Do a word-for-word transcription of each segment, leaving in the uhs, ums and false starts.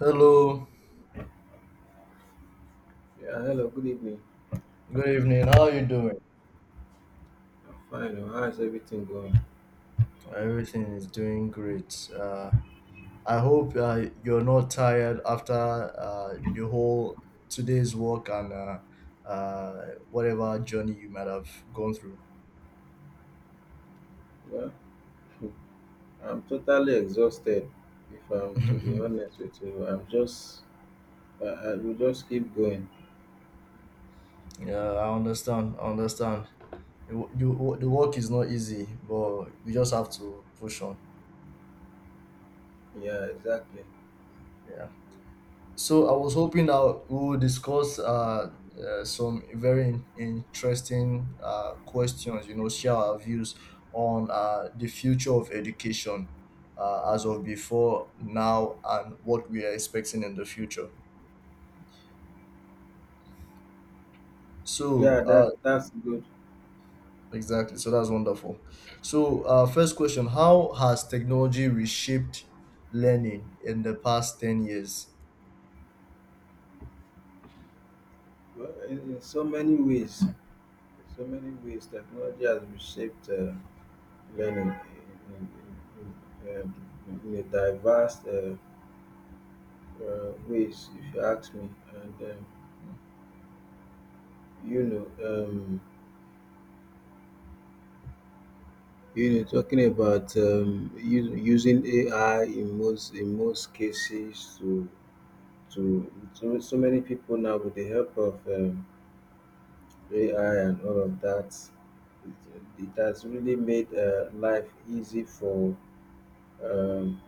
Hello, Yeah, hello, good evening. good evening. How are you doing? I'm fine. Oh, how is everything going? Everything is doing great. Uh, I hope uh, you're not tired after uh, the whole today's work and uh, uh, whatever journey you might have gone through. Well, I'm totally exhausted. If I'm to be honest with you, I'm just, I, I will just keep going. Yeah, I understand. I understand. The, wo- the, wo- the work is not easy, but we just have to push on. Yeah, exactly. Yeah. So I was hoping that we will discuss uh, uh, some very in- interesting uh, questions. You know, share our views on uh, the future of education uh, as of before now and what we are expecting in the future. So Yeah, that uh, that's good. exactly. So that's wonderful. So uh, first question: how has technology reshaped learning in the past ten years? Well, in, in so many ways, in so many ways, technology has reshaped uh, learning in, in, in, in, um, in a diverse uh, uh, ways, if you ask me. And um, you know, um, You know, talking about um, u- using A I in most in most cases to to so, so many people now with the help of um, A I and all of that, it, it has really made uh, life easy for um,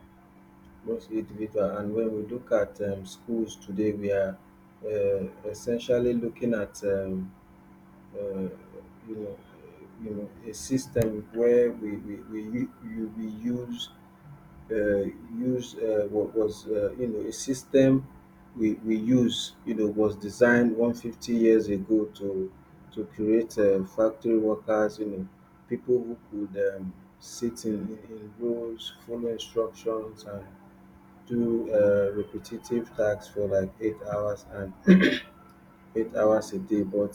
most individual. And when we look at um, schools today, we are uh, essentially looking at um, uh, you know you know a system where we we, we, u- we we use uh, used uh, wa- was uh, you know a system we, we use you know was designed one hundred fifty years ago to to create uh, factory workers, you know people who could um, sit in, in, in rows, follow instructions and do uh, repetitive tasks for like eight hours and eight hours a day. But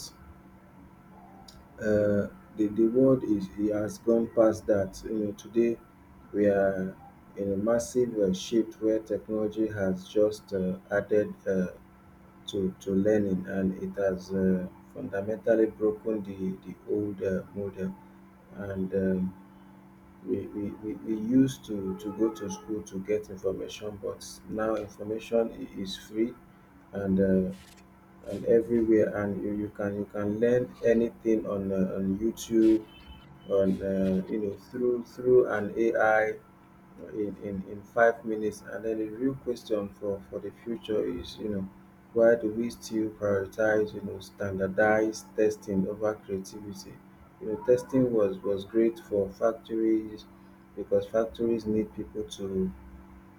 uh, the, the world is, it has gone past that. You know, today we are in a massive uh, shift where technology has just uh, added uh, to, to learning, and it has uh, fundamentally broken the, the old uh, model. And um, we, we, we, we used to, to go to school to get information, but now information i- is free and uh, and everywhere and you, you can you can learn anything on uh, on YouTube, on uh, you know through through an A I in in in five minutes. And then the real question for for the future is, you know why do we still prioritize you know standardized testing over creativity? You know testing was was great for factories, because factories need people to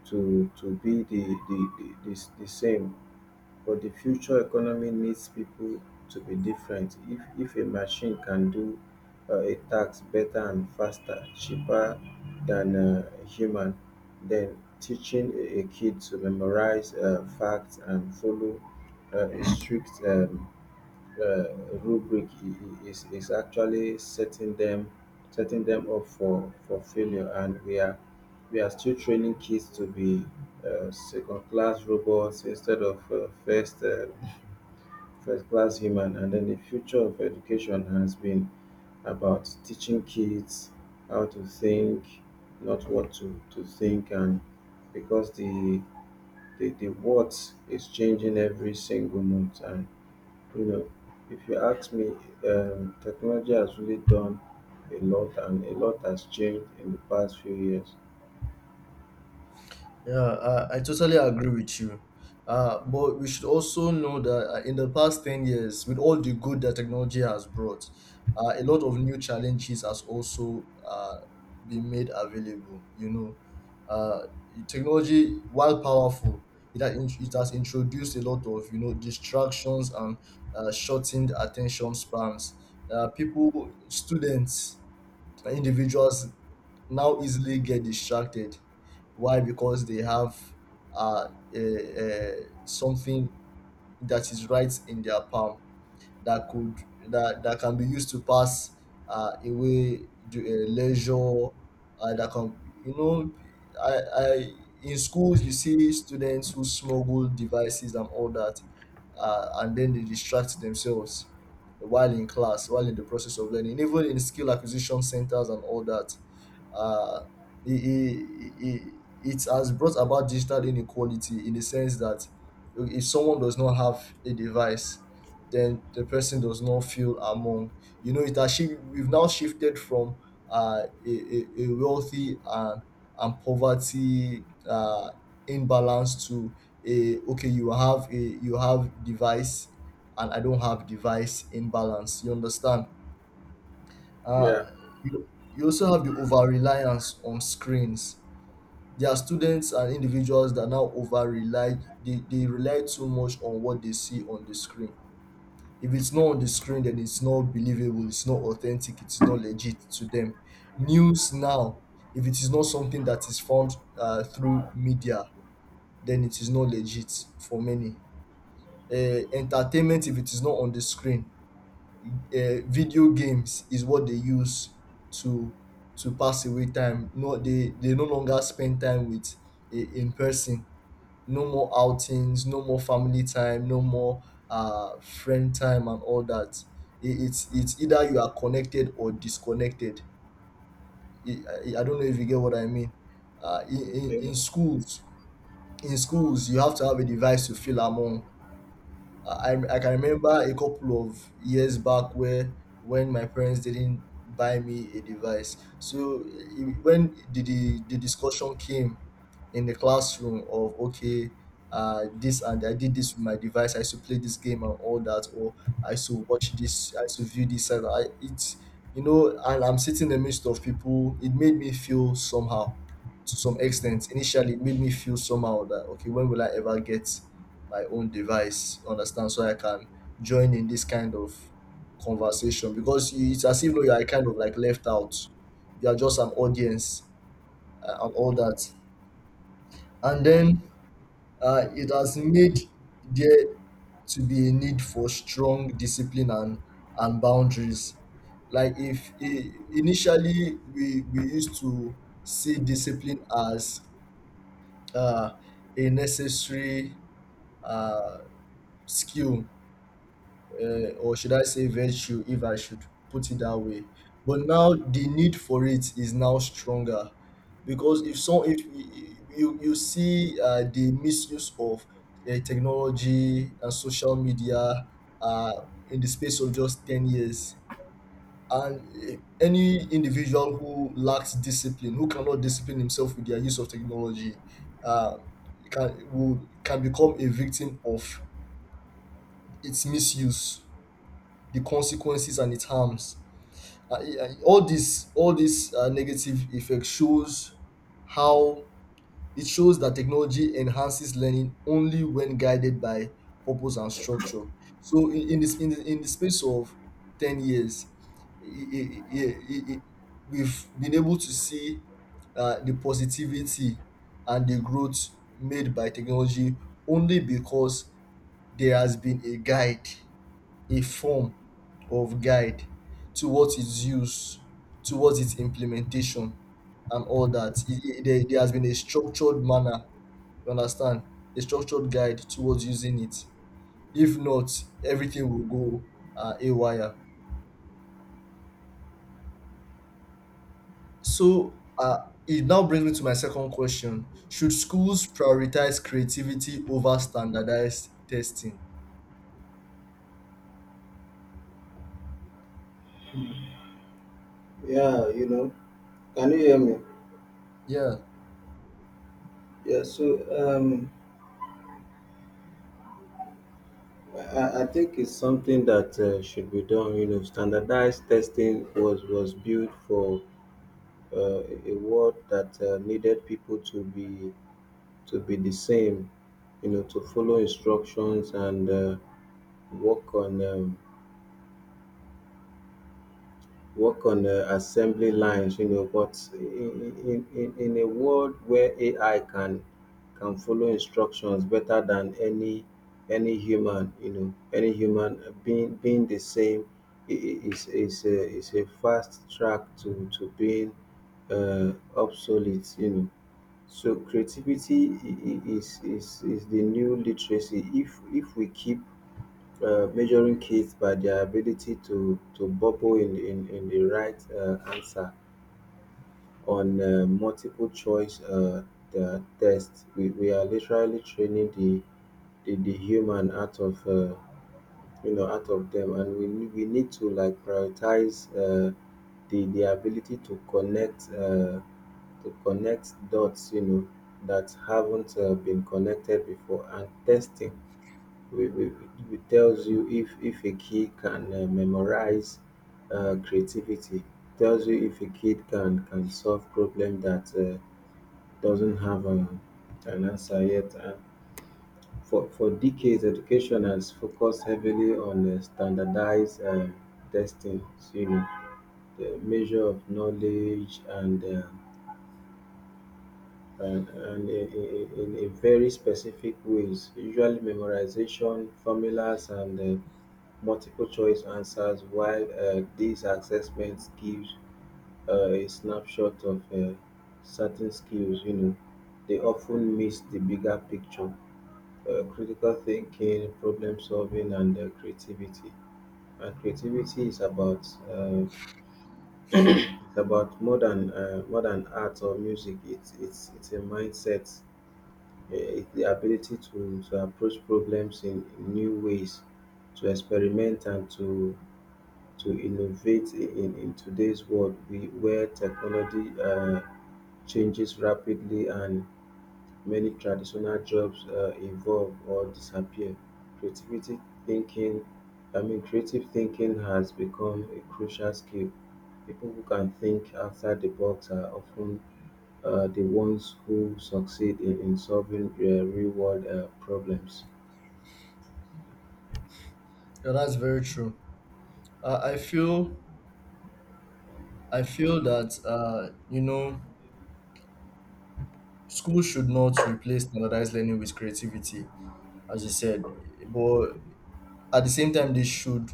to to be the the the, the, the same but the future economy needs people to be different. If if a machine can do uh, a task better and faster, cheaper than a human, then teaching a a kid to memorize uh, facts and follow uh, a strict um, uh, rubric i- i- is is actually setting them setting them up for for failure, and we are we are still training kids to be uh, second class robots instead of uh, first uh, first class human. And then the future of education has been about teaching kids how to think, not what to, to think, and because the the, the what is changing every single month. And you know, if you ask me, um, technology has really done a lot, and a lot has changed in the past few years. Yeah, uh, I totally agree with you. Uh, but we should also know that uh, in the past ten years, with all the good that technology has brought, uh, a lot of new challenges has also uh, been made available. You know, uh, technology, while powerful, it has, in- it has introduced a lot of, you know, distractions and uh, shortened attention spans. Uh, people, students, and individuals now easily get distracted. Why? Because they have uh, a, a, something that is right in their palm that could that that can be used to pass uh, away the, uh, leisure uh, that can you know I, I in schools you see students who smuggle devices and all that, uh, and then they distract themselves while in class, while in the process of learning, even in skill acquisition centers and all that. Uh, it, it, it, it has brought about digital inequality, in the sense that if someone does not have a device, then the person does not feel among. You know, it has shi- we've now shifted from uh, a, a, a wealthy and and poverty uh, imbalance to a, okay, you have a, you have device and I don't have device imbalance. You understand? Uh, Yeah. you, you also have the over reliance on screens. There are students and individuals that now over rely. They, they rely too much on what they see on the screen. If it's not on the screen, then it's not believable, it's not authentic, it's not legit to them. News now, if it is not something that is found uh, through media, then it is not legit for many. Uh, entertainment, if it is not on the screen, uh, video games is what they use to to pass away time. No, they they no longer spend time with i- in person. No more outings, no more family time, no more uh, friend time, and all that. It, it's it's either you are connected or disconnected. I I I don't know if you get what I mean. Uh, in, in Yeah, In schools, in schools, you have to have a device to feel among. I, I can remember a couple of years back where when my parents didn't buy me a device. So it- when the, the, the discussion came in the classroom of, okay, uh, this, and I did this with my device. I should play this game and all that, or I should watch this, I should view this. And I, it's you know, and I'm sitting in the midst of people. It made me feel somehow, to some extent. Initially, it made me feel somehow that, okay, when will I ever get my own device, understand, so I can join in this kind of conversation, because you- it's as if though you are kind of like left out, you are just an audience uh, and all that. And then uh, it has made there to be a need for strong discipline and and boundaries. Like if I- initially we we used to see discipline as uh, a necessary uh, skill, uh, or should I say virtue, if I should put it that way. But now the need for it is now stronger, because if so, if you you see uh, the misuse of uh, technology and social media uh, in the space of just ten years, and uh, any individual who lacks discipline, who cannot discipline himself with their use of technology, uh, can will, can become a victim of its misuse, the consequences and its harms. Uh, it- uh, all this, all these uh, negative effects shows how it shows that technology enhances learning only when guided by purpose and structure. So in, in this in the, in the space of ten years, i- i- i- i- i- we've been able to see uh, the positivity and the growth made by technology only because there has been a guide, a form of guide towards its use, towards its implementation, and all that. It, it- there, there has been a structured manner, you understand? A structured guide towards using it. If not, everything will go uh, awry. So uh, it now brings me to my second question: should schools prioritize creativity over standardized testing? yeah, you know, can you hear me? Yeah, Yeah, so um, I, I think it's something that uh, should be done. You know, standardized testing was was built for uh, a world that uh, needed people to be, to be the same. You know, to follow instructions and uh, work on um, work on uh, assembly lines. You know, but in, in, in in a world where A I can can follow instructions better than any any human, you know, any human uh, being being the same i- i- is is a, is a fast track to to being uh, obsolete, you know. So creativity i- i- is, is is the new literacy. If if we keep uh, measuring kids by their ability to to bubble in in, in the right uh, answer on uh, multiple choice uh, the test. We, we are literally training the the, the human out of uh, you know out of them, and we ne- we need to, like, prioritize uh, the the ability to connect, uh, to connect dots, you know, that haven't uh, been connected before. And testing, we- we- it tells you if if a kid can uh, memorize. Uh, creativity tells you if a kid can can solve problem that uh, doesn't have an, an answer yet. And for for decades, education has focused heavily on uh, standardized uh, testing, you know the measure of knowledge, and uh, and, and in, in, in in very specific ways, usually memorization, formulas, and uh, multiple choice answers. While uh, these assessments give uh, a snapshot of uh, certain skills, you know, they often miss the bigger picture: uh, critical thinking, problem solving, and uh, creativity. And creativity is about uh, it's about more than uh, more than art or music. It's it's it's a mindset. Uh, It's the ability to, to approach problems in in new ways, to experiment and to to innovate in in today's world, we, where technology uh, changes rapidly and many traditional jobs uh, evolve or disappear. Creativity thinking, I mean, creative thinking has become a crucial skill. People who can think outside the box are often uh, the ones who succeed in in solving uh, real world uh, problems. yeah, that's very true. Uh, I feel, I feel that uh, you know, school should not replace standardized learning with creativity, as you said, but at the same time, they should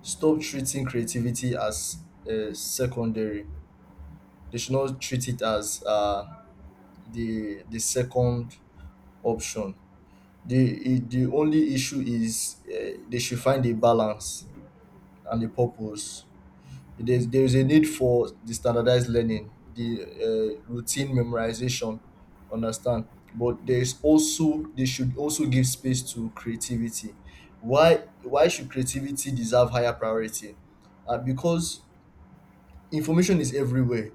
stop treating creativity as uh, secondary. They should not treat it as uh, the the second option. The the only issue is uh, they should find a balance and a purpose. There's there is a need for the standardized learning, the uh, routine memorization, understand. But there is also, they should also give space to creativity. Why why should creativity deserve higher priority? Uh, because information is everywhere.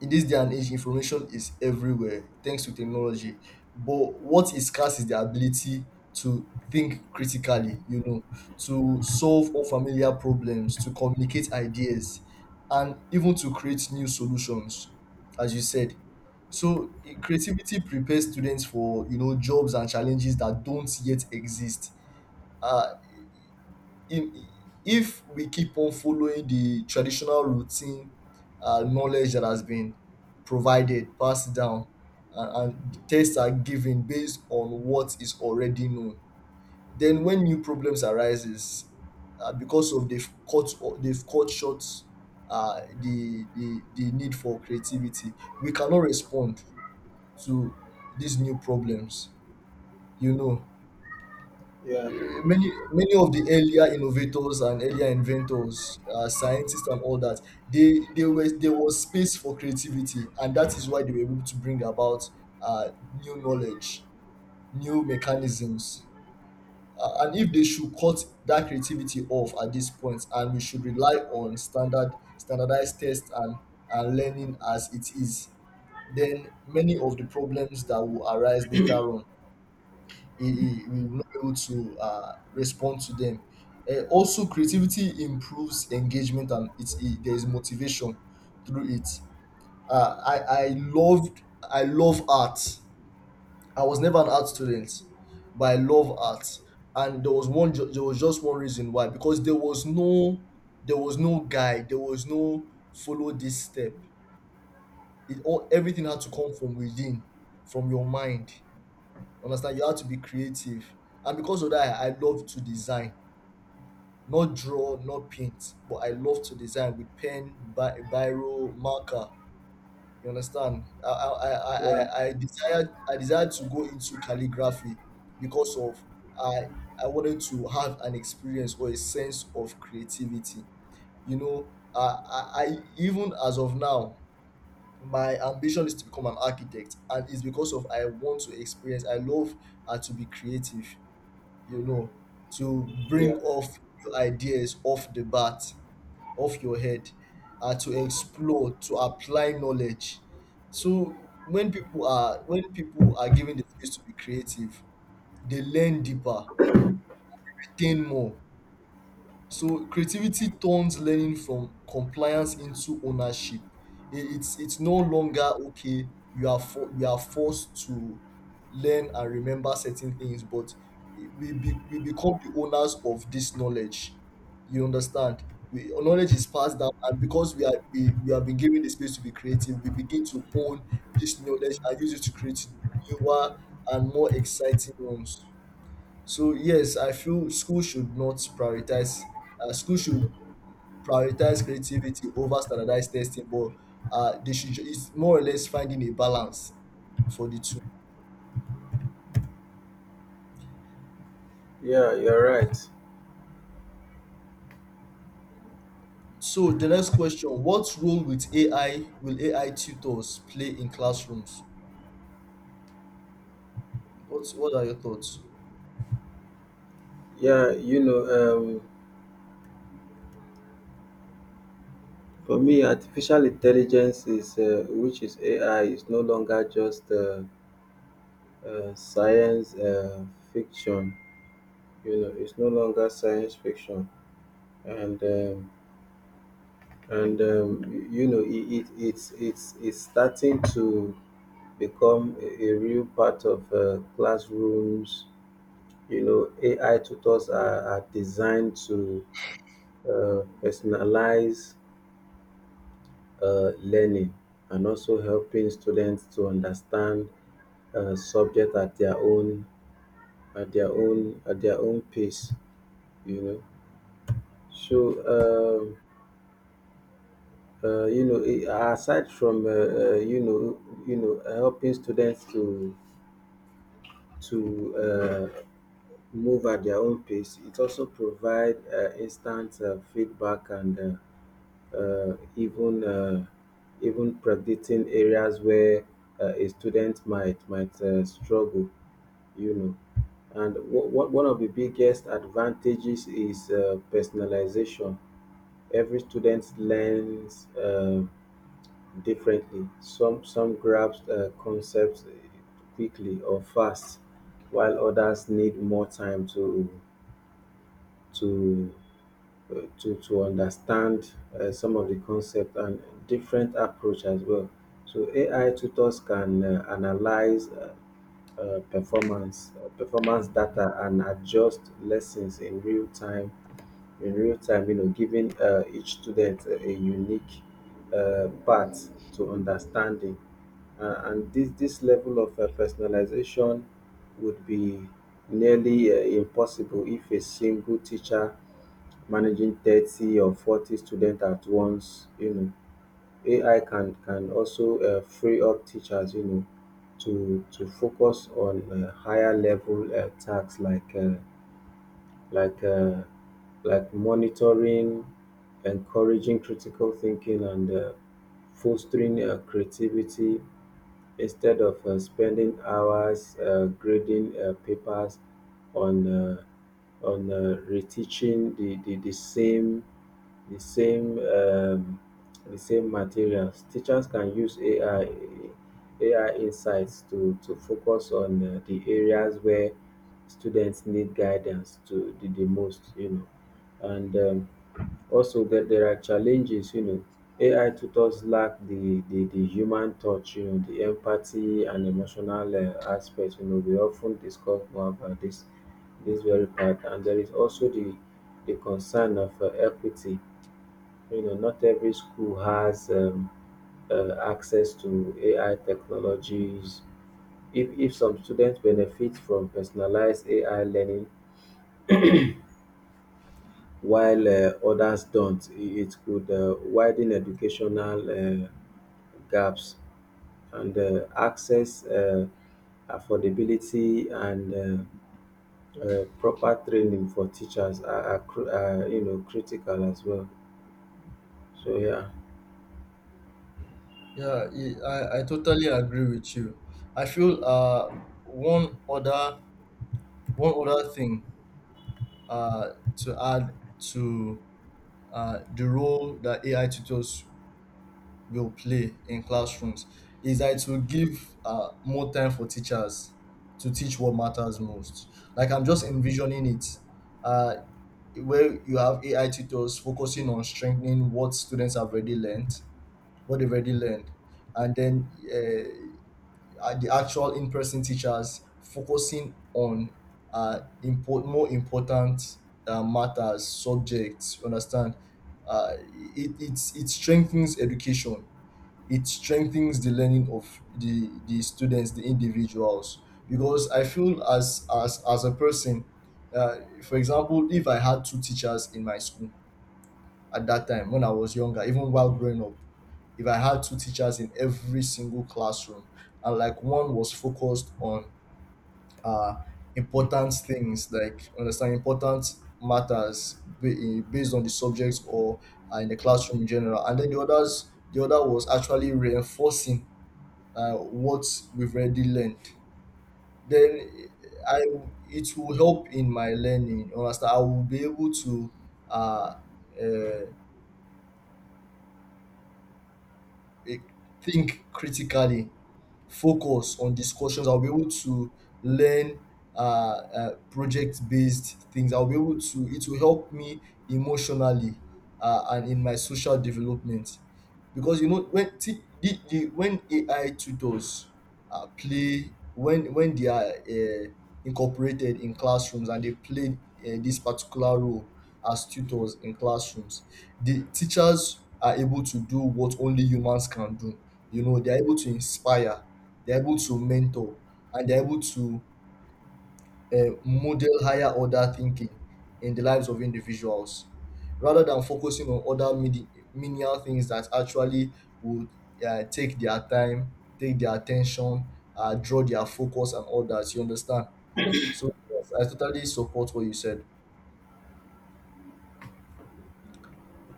In this day and age, information is everywhere thanks to technology. But what is scarce is the ability to think critically, you know, to solve unfamiliar problems, to communicate ideas, and even to create new solutions, as you said. So i- creativity prepares students for you know jobs and challenges that don't yet exist. Uh, im- if we keep on following the traditional routine uh, knowledge that has been provided, passed down, and, and tests are given based on what is already known, then when new problems arises, uh, because of they've cut, or they've cut short uh, the, the the need for creativity, we cannot respond to these new problems. You know. Yeah, Eh, many, many of the earlier innovators and earlier inventors, uh, scientists and all that, they they were, there was space for creativity, and that is why they were able to bring about uh, new knowledge, new mechanisms, uh, and if they should cut that creativity off at this point and we should rely on standard standardized tests and and learning as it is, then many of the problems that will arise later on, he, he we will not be able to uh, respond to them. Uh, also, creativity improves engagement, and it's it, there is motivation through it. Uh, I I loved I love art. I was never an art student, but I love art. And there was one ju- there was just one reason why, because there was no, there was no guide, there was no follow this step. It all, everything had to come from within, from your mind. Understand? You have to be creative. And because of that, I I love to design, not draw, not paint, but I love to design with pen, bi- biro, marker. You understand? I I, I, yeah, I I desired I desired to go into calligraphy because of I I wanted to have an experience or a sense of creativity. You know, I, I, I, even as of now, my ambition is to become an architect, and it's because of I want to experience. I love uh, to be creative, you know, to bring yeah, off your ideas off the bat, off your head, uh, to explore, to apply knowledge. So when people are, when people are given the space to be creative, they learn deeper, attain more. So creativity turns learning from compliance into ownership. I- It's it's no longer, okay, you are for, you are forced to learn and remember certain things, but we be, we become the owners of this knowledge. You understand? We, knowledge is passed down, and because we are, we, we have been given the space to be creative, we begin to own this knowledge and use it to create newer and more exciting ones. So yes, I feel school should not prioritize. Uh, school should prioritize creativity over standardized testing, but uh, they should. ju- it's more or less finding a balance for the two. yeah, you're right. So the next question: what role with A I, will A I tutors play in classrooms? What What are your thoughts? Yeah, you know, um, for me, artificial intelligence is, uh, which is A I, is no longer just uh, uh, science uh, fiction. You know, it's no longer science fiction, and um, and um, y- you know, it, it it's it's it's starting to become a, a real part of uh, classrooms. You know, A I tutors are, are designed to uh, personalize uh, learning, and also helping students to understand uh, subject at their own at their own at their own pace. You know so um, uh, you know i- aside from uh, uh, you know you know helping students to to uh, move at their own pace, it also provide uh, instant uh, feedback, and uh, uh, even uh, even predicting areas where uh, a student might might uh, struggle. You know and wh- one of the biggest advantages is uh, personalization. Every student learns uh, differently. Some some grasp uh, concepts quickly or fast, while others need more time to to uh, to to understand uh, some of the concept, and different approach as well. So A I tutors can uh, analyze uh, uh, performance uh, performance data and adjust lessons in real time. In real time, you know, giving uh, each student a, a unique uh, path to understanding. Uh, and this this level of uh, personalization would be nearly uh, impossible if a single teacher managing thirty or forty students at once. you know, A I can can also uh, free up teachers, you know, to to focus on uh, higher level uh, tasks, like uh, like uh, like monitoring, encouraging critical thinking, and uh, fostering uh, creativity, instead of uh, spending hours uh, grading uh, papers on uh, on uh, reteaching the, the, the same the same um, the same materials. Teachers can use A I A I insights to to focus on uh, the areas where students need guidance to the, the, most. You know, and um, also, that there are challenges. you know A I tutors lack the, the the human touch, you know the empathy and emotional uh, aspect. You know we often discuss more about this this very part. And there is also the the concern of uh, equity. You know, not every school has um, uh, access to A I technologies. If, if some students benefit from personalized A I learning while uh, others don't, i- it could uh, widen educational uh, gaps and uh, access, uh, affordability, and uh, uh, proper training for teachers are, are, cru- are you know critical as well. So yeah. Yeah, I, I I totally agree with you. I feel uh one other, one other thing uh to add to uh the role that A I tutors will play in classrooms is that it will give uh, more time for teachers to teach what matters most. Like I'm just envisioning it, uh, where you have A I tutors focusing on strengthening what students have already learned, what they've already learned, and then uh, uh, the actual in-person teachers focusing on uh, import more important uh, matters, subjects. You understand? Uh, it, it it strengthens education, it strengthens the learning of the the students, the individuals, because I feel as as as a person, uh, for example, if I had two teachers in my school at that time when I was younger, even while growing up, if I had two teachers in every single classroom, and like one was focused on uh important things like understand important matters ba- eh, based on the subjects or uh, in the classroom in general, and then the others the other was actually reinforcing uh, what we've already learned, then I it will help in my learning, you understand, I will be able to uh, uh, eh, think critically, focus on discussions, I'll be able to learn uh, uh, project based things, I'll be able to, it will help me emotionally, uh, and in my social development, because you know when t- the, the when A I tutors uh, play when when they are uh, incorporated in classrooms and they play uh, this particular role as tutors in classrooms, the teachers are able to do what only humans can do. You know, they are able to inspire, they are able to mentor, and they are able to uh, model higher order thinking in the lives of individuals, rather than focusing on other mini- menial things that actually would uh, take their time, take their attention, uh, draw their focus, and all that. You understand? So, yes, I totally support what you said.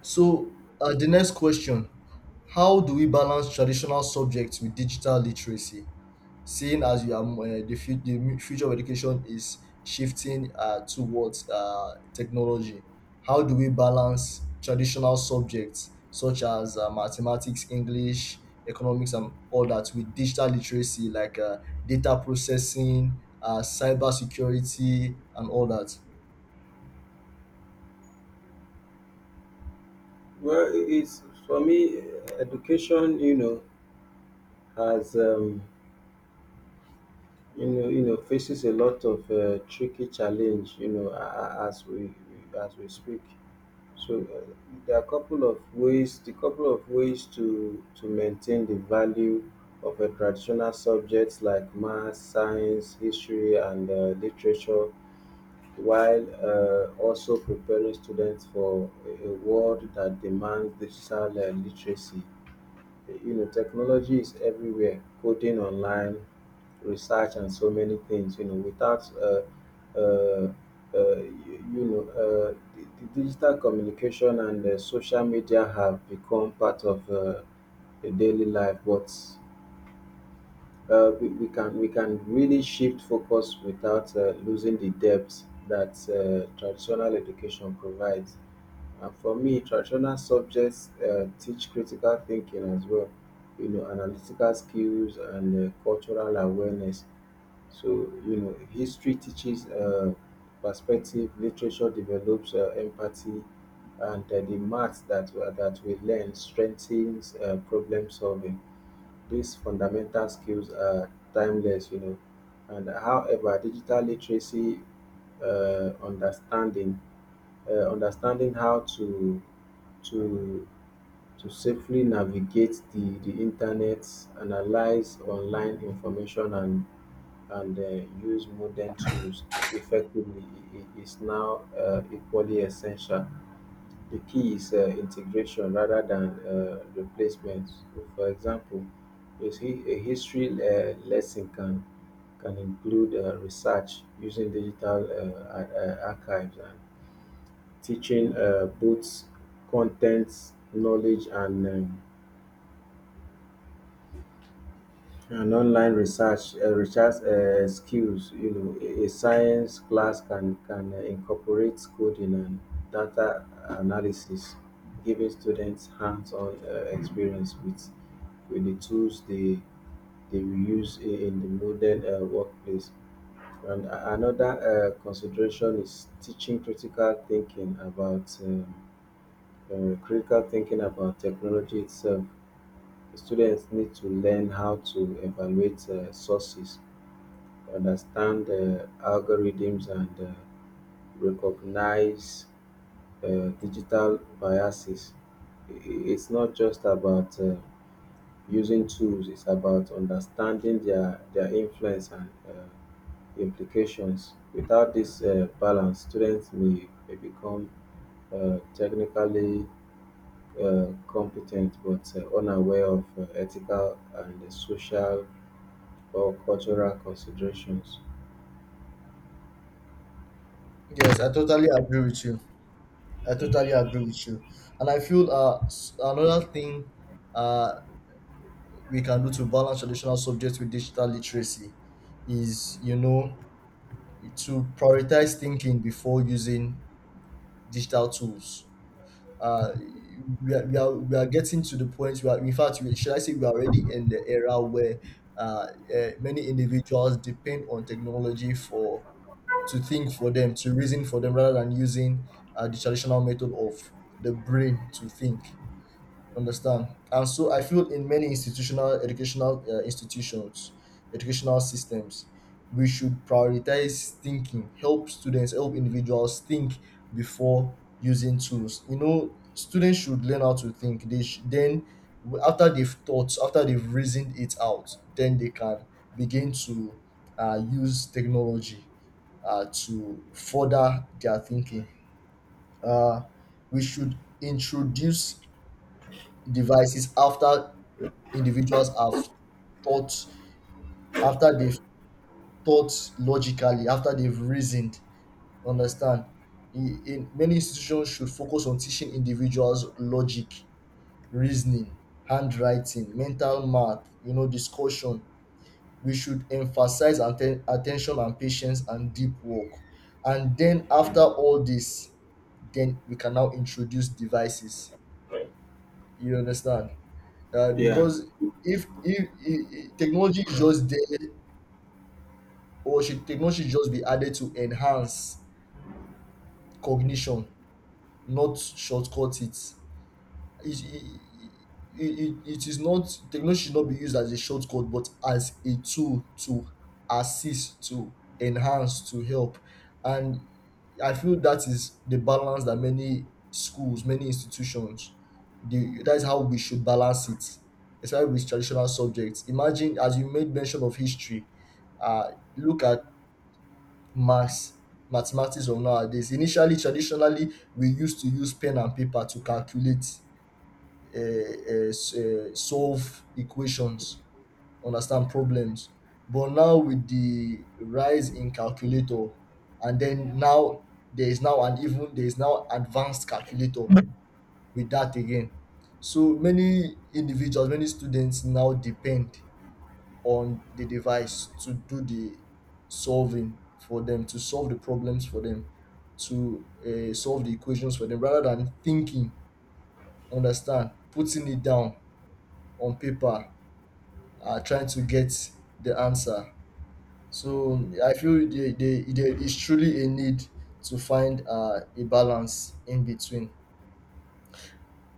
So, uh, the next question. How do we balance traditional subjects with digital literacy, seeing as you are, uh, the, fu- the mu- future of education is shifting uh, towards uh, technology? How do we balance traditional subjects such as uh, mathematics, English, economics, and all that with digital literacy like uh, data processing, uh, cyber security, and all that? Well, it is, for me. Education, you know, has um, you know, you know, faces a lot of uh, tricky challenge. You know, a- a- as we as we speak. So, uh, there are a couple of ways, the couple of ways to to maintain the value of a traditional subjects like math, science, history, and uh, literature, while uh, also preparing students for a a world that demands digital uh, literacy. You know, technology is everywhere: coding, online research, and so many things. You know, without uh, uh, uh, you, you know, uh, the, the digital communication and uh, social media have become part of uh, the daily life. But uh, we, we can we can really shift focus without uh, losing the depth that uh, traditional education provides. And for me, traditional subjects uh, teach critical thinking as well, you know, analytical skills and uh, cultural awareness. So, you know, history teaches uh, perspective, literature develops uh, empathy, and uh, the math that we- that we learn strengthens uh, problem solving. These fundamental skills are timeless, you know. And however, digital literacy, uh, understanding uh, understanding how to to to safely navigate the, the internet, analyze online information, and and uh, use modern tools effectively i- i- is now uh, equally essential. The key is uh, integration rather than uh, replacement. So, for example, a, hi- a history uh, lesson can can include uh, research using digital uh, ar- uh, archives, and teaching uh, both content, knowledge, and um, And online research, uh, research uh, skills. You know, a a science class can can uh, incorporate coding and data analysis, giving students hands-on uh, experience with with the tools they they will use in in the modern uh, workplace. And a- another uh, consideration is teaching critical thinking about um, uh, critical thinking about technology itself. Students need to learn how to evaluate uh, sources, understand uh, algorithms, and uh, recognize uh, digital biases. I- i- It's not just about uh, using tools, it's about understanding their, their influence and uh, implications. Without this uh, balance, students may, may become uh, technically uh, competent but uh, unaware of uh, ethical and uh, social for cultural considerations. Yes, I totally agree with you. I totally agree with you. And I feel uh, s- another thing uh, we can do to balance traditional subjects with digital literacy is, you know, to prioritize thinking before using digital tools. Uh, we, are, we, are, we are getting to the point where, in fact, we, should I say, we are already in the era where uh, uh, many individuals depend on technology for to think for them, to reason for them, rather than using uh, the traditional method of the brain to think. Understand. And so I feel in many institutional educational uh, institutions, educational systems, we should prioritize thinking, help students, help individuals think before using tools. You know, students should learn how to think, they sh- then w- after they've thought, after they've reasoned it out, then they can begin to uh, use technology uh, to further their thinking. uh, we should introduce devices after individuals have thought, after they've thought logically, after they've reasoned. Understand. In, in many institutions should focus on teaching individuals logic, reasoning, handwriting, mental math, you know, discussion. We should emphasize atten- attention and patience and deep work, and then after all this, then we can now introduce devices. You understand. uh, Yeah. because if, if, if technology is just there, or should technology should just be added to enhance cognition, not shortcut it. It, it, it, it is not, technology should not be used as a shortcut, but as a tool to assist, to enhance, to help. And I feel that is the balance that many schools, many institutions, the that is how we should balance it, especially with traditional subjects. Imagine, as you made mention of history, uh, look at maths mathematics of nowadays. Initially, traditionally, we used to use pen and paper to calculate, uh, uh, s- uh, solve equations, understand problems. But now with the rise in calculator, and then now there is now an even, there is now advanced calculator with that again. So many individuals, many students now depend on the device to do the solving for them, to solve the problems for them, to uh, solve the equations for them, rather than thinking, understand, putting it down on paper, uh, trying to get the answer. So I feel there, there, there is truly a need to find uh, a balance in between.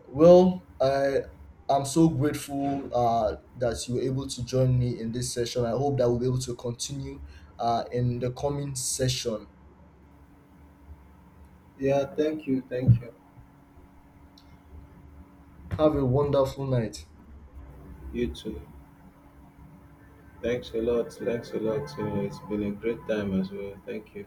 Well, I, I'm so grateful uh, that you were able to join me in this session. I hope that we'll be able to continue uh, in the coming session. Yeah, thank you, thank you. Have a wonderful night. You too. Thanks a lot, thanks a lot. You know, it's been a great time as well. Thank you.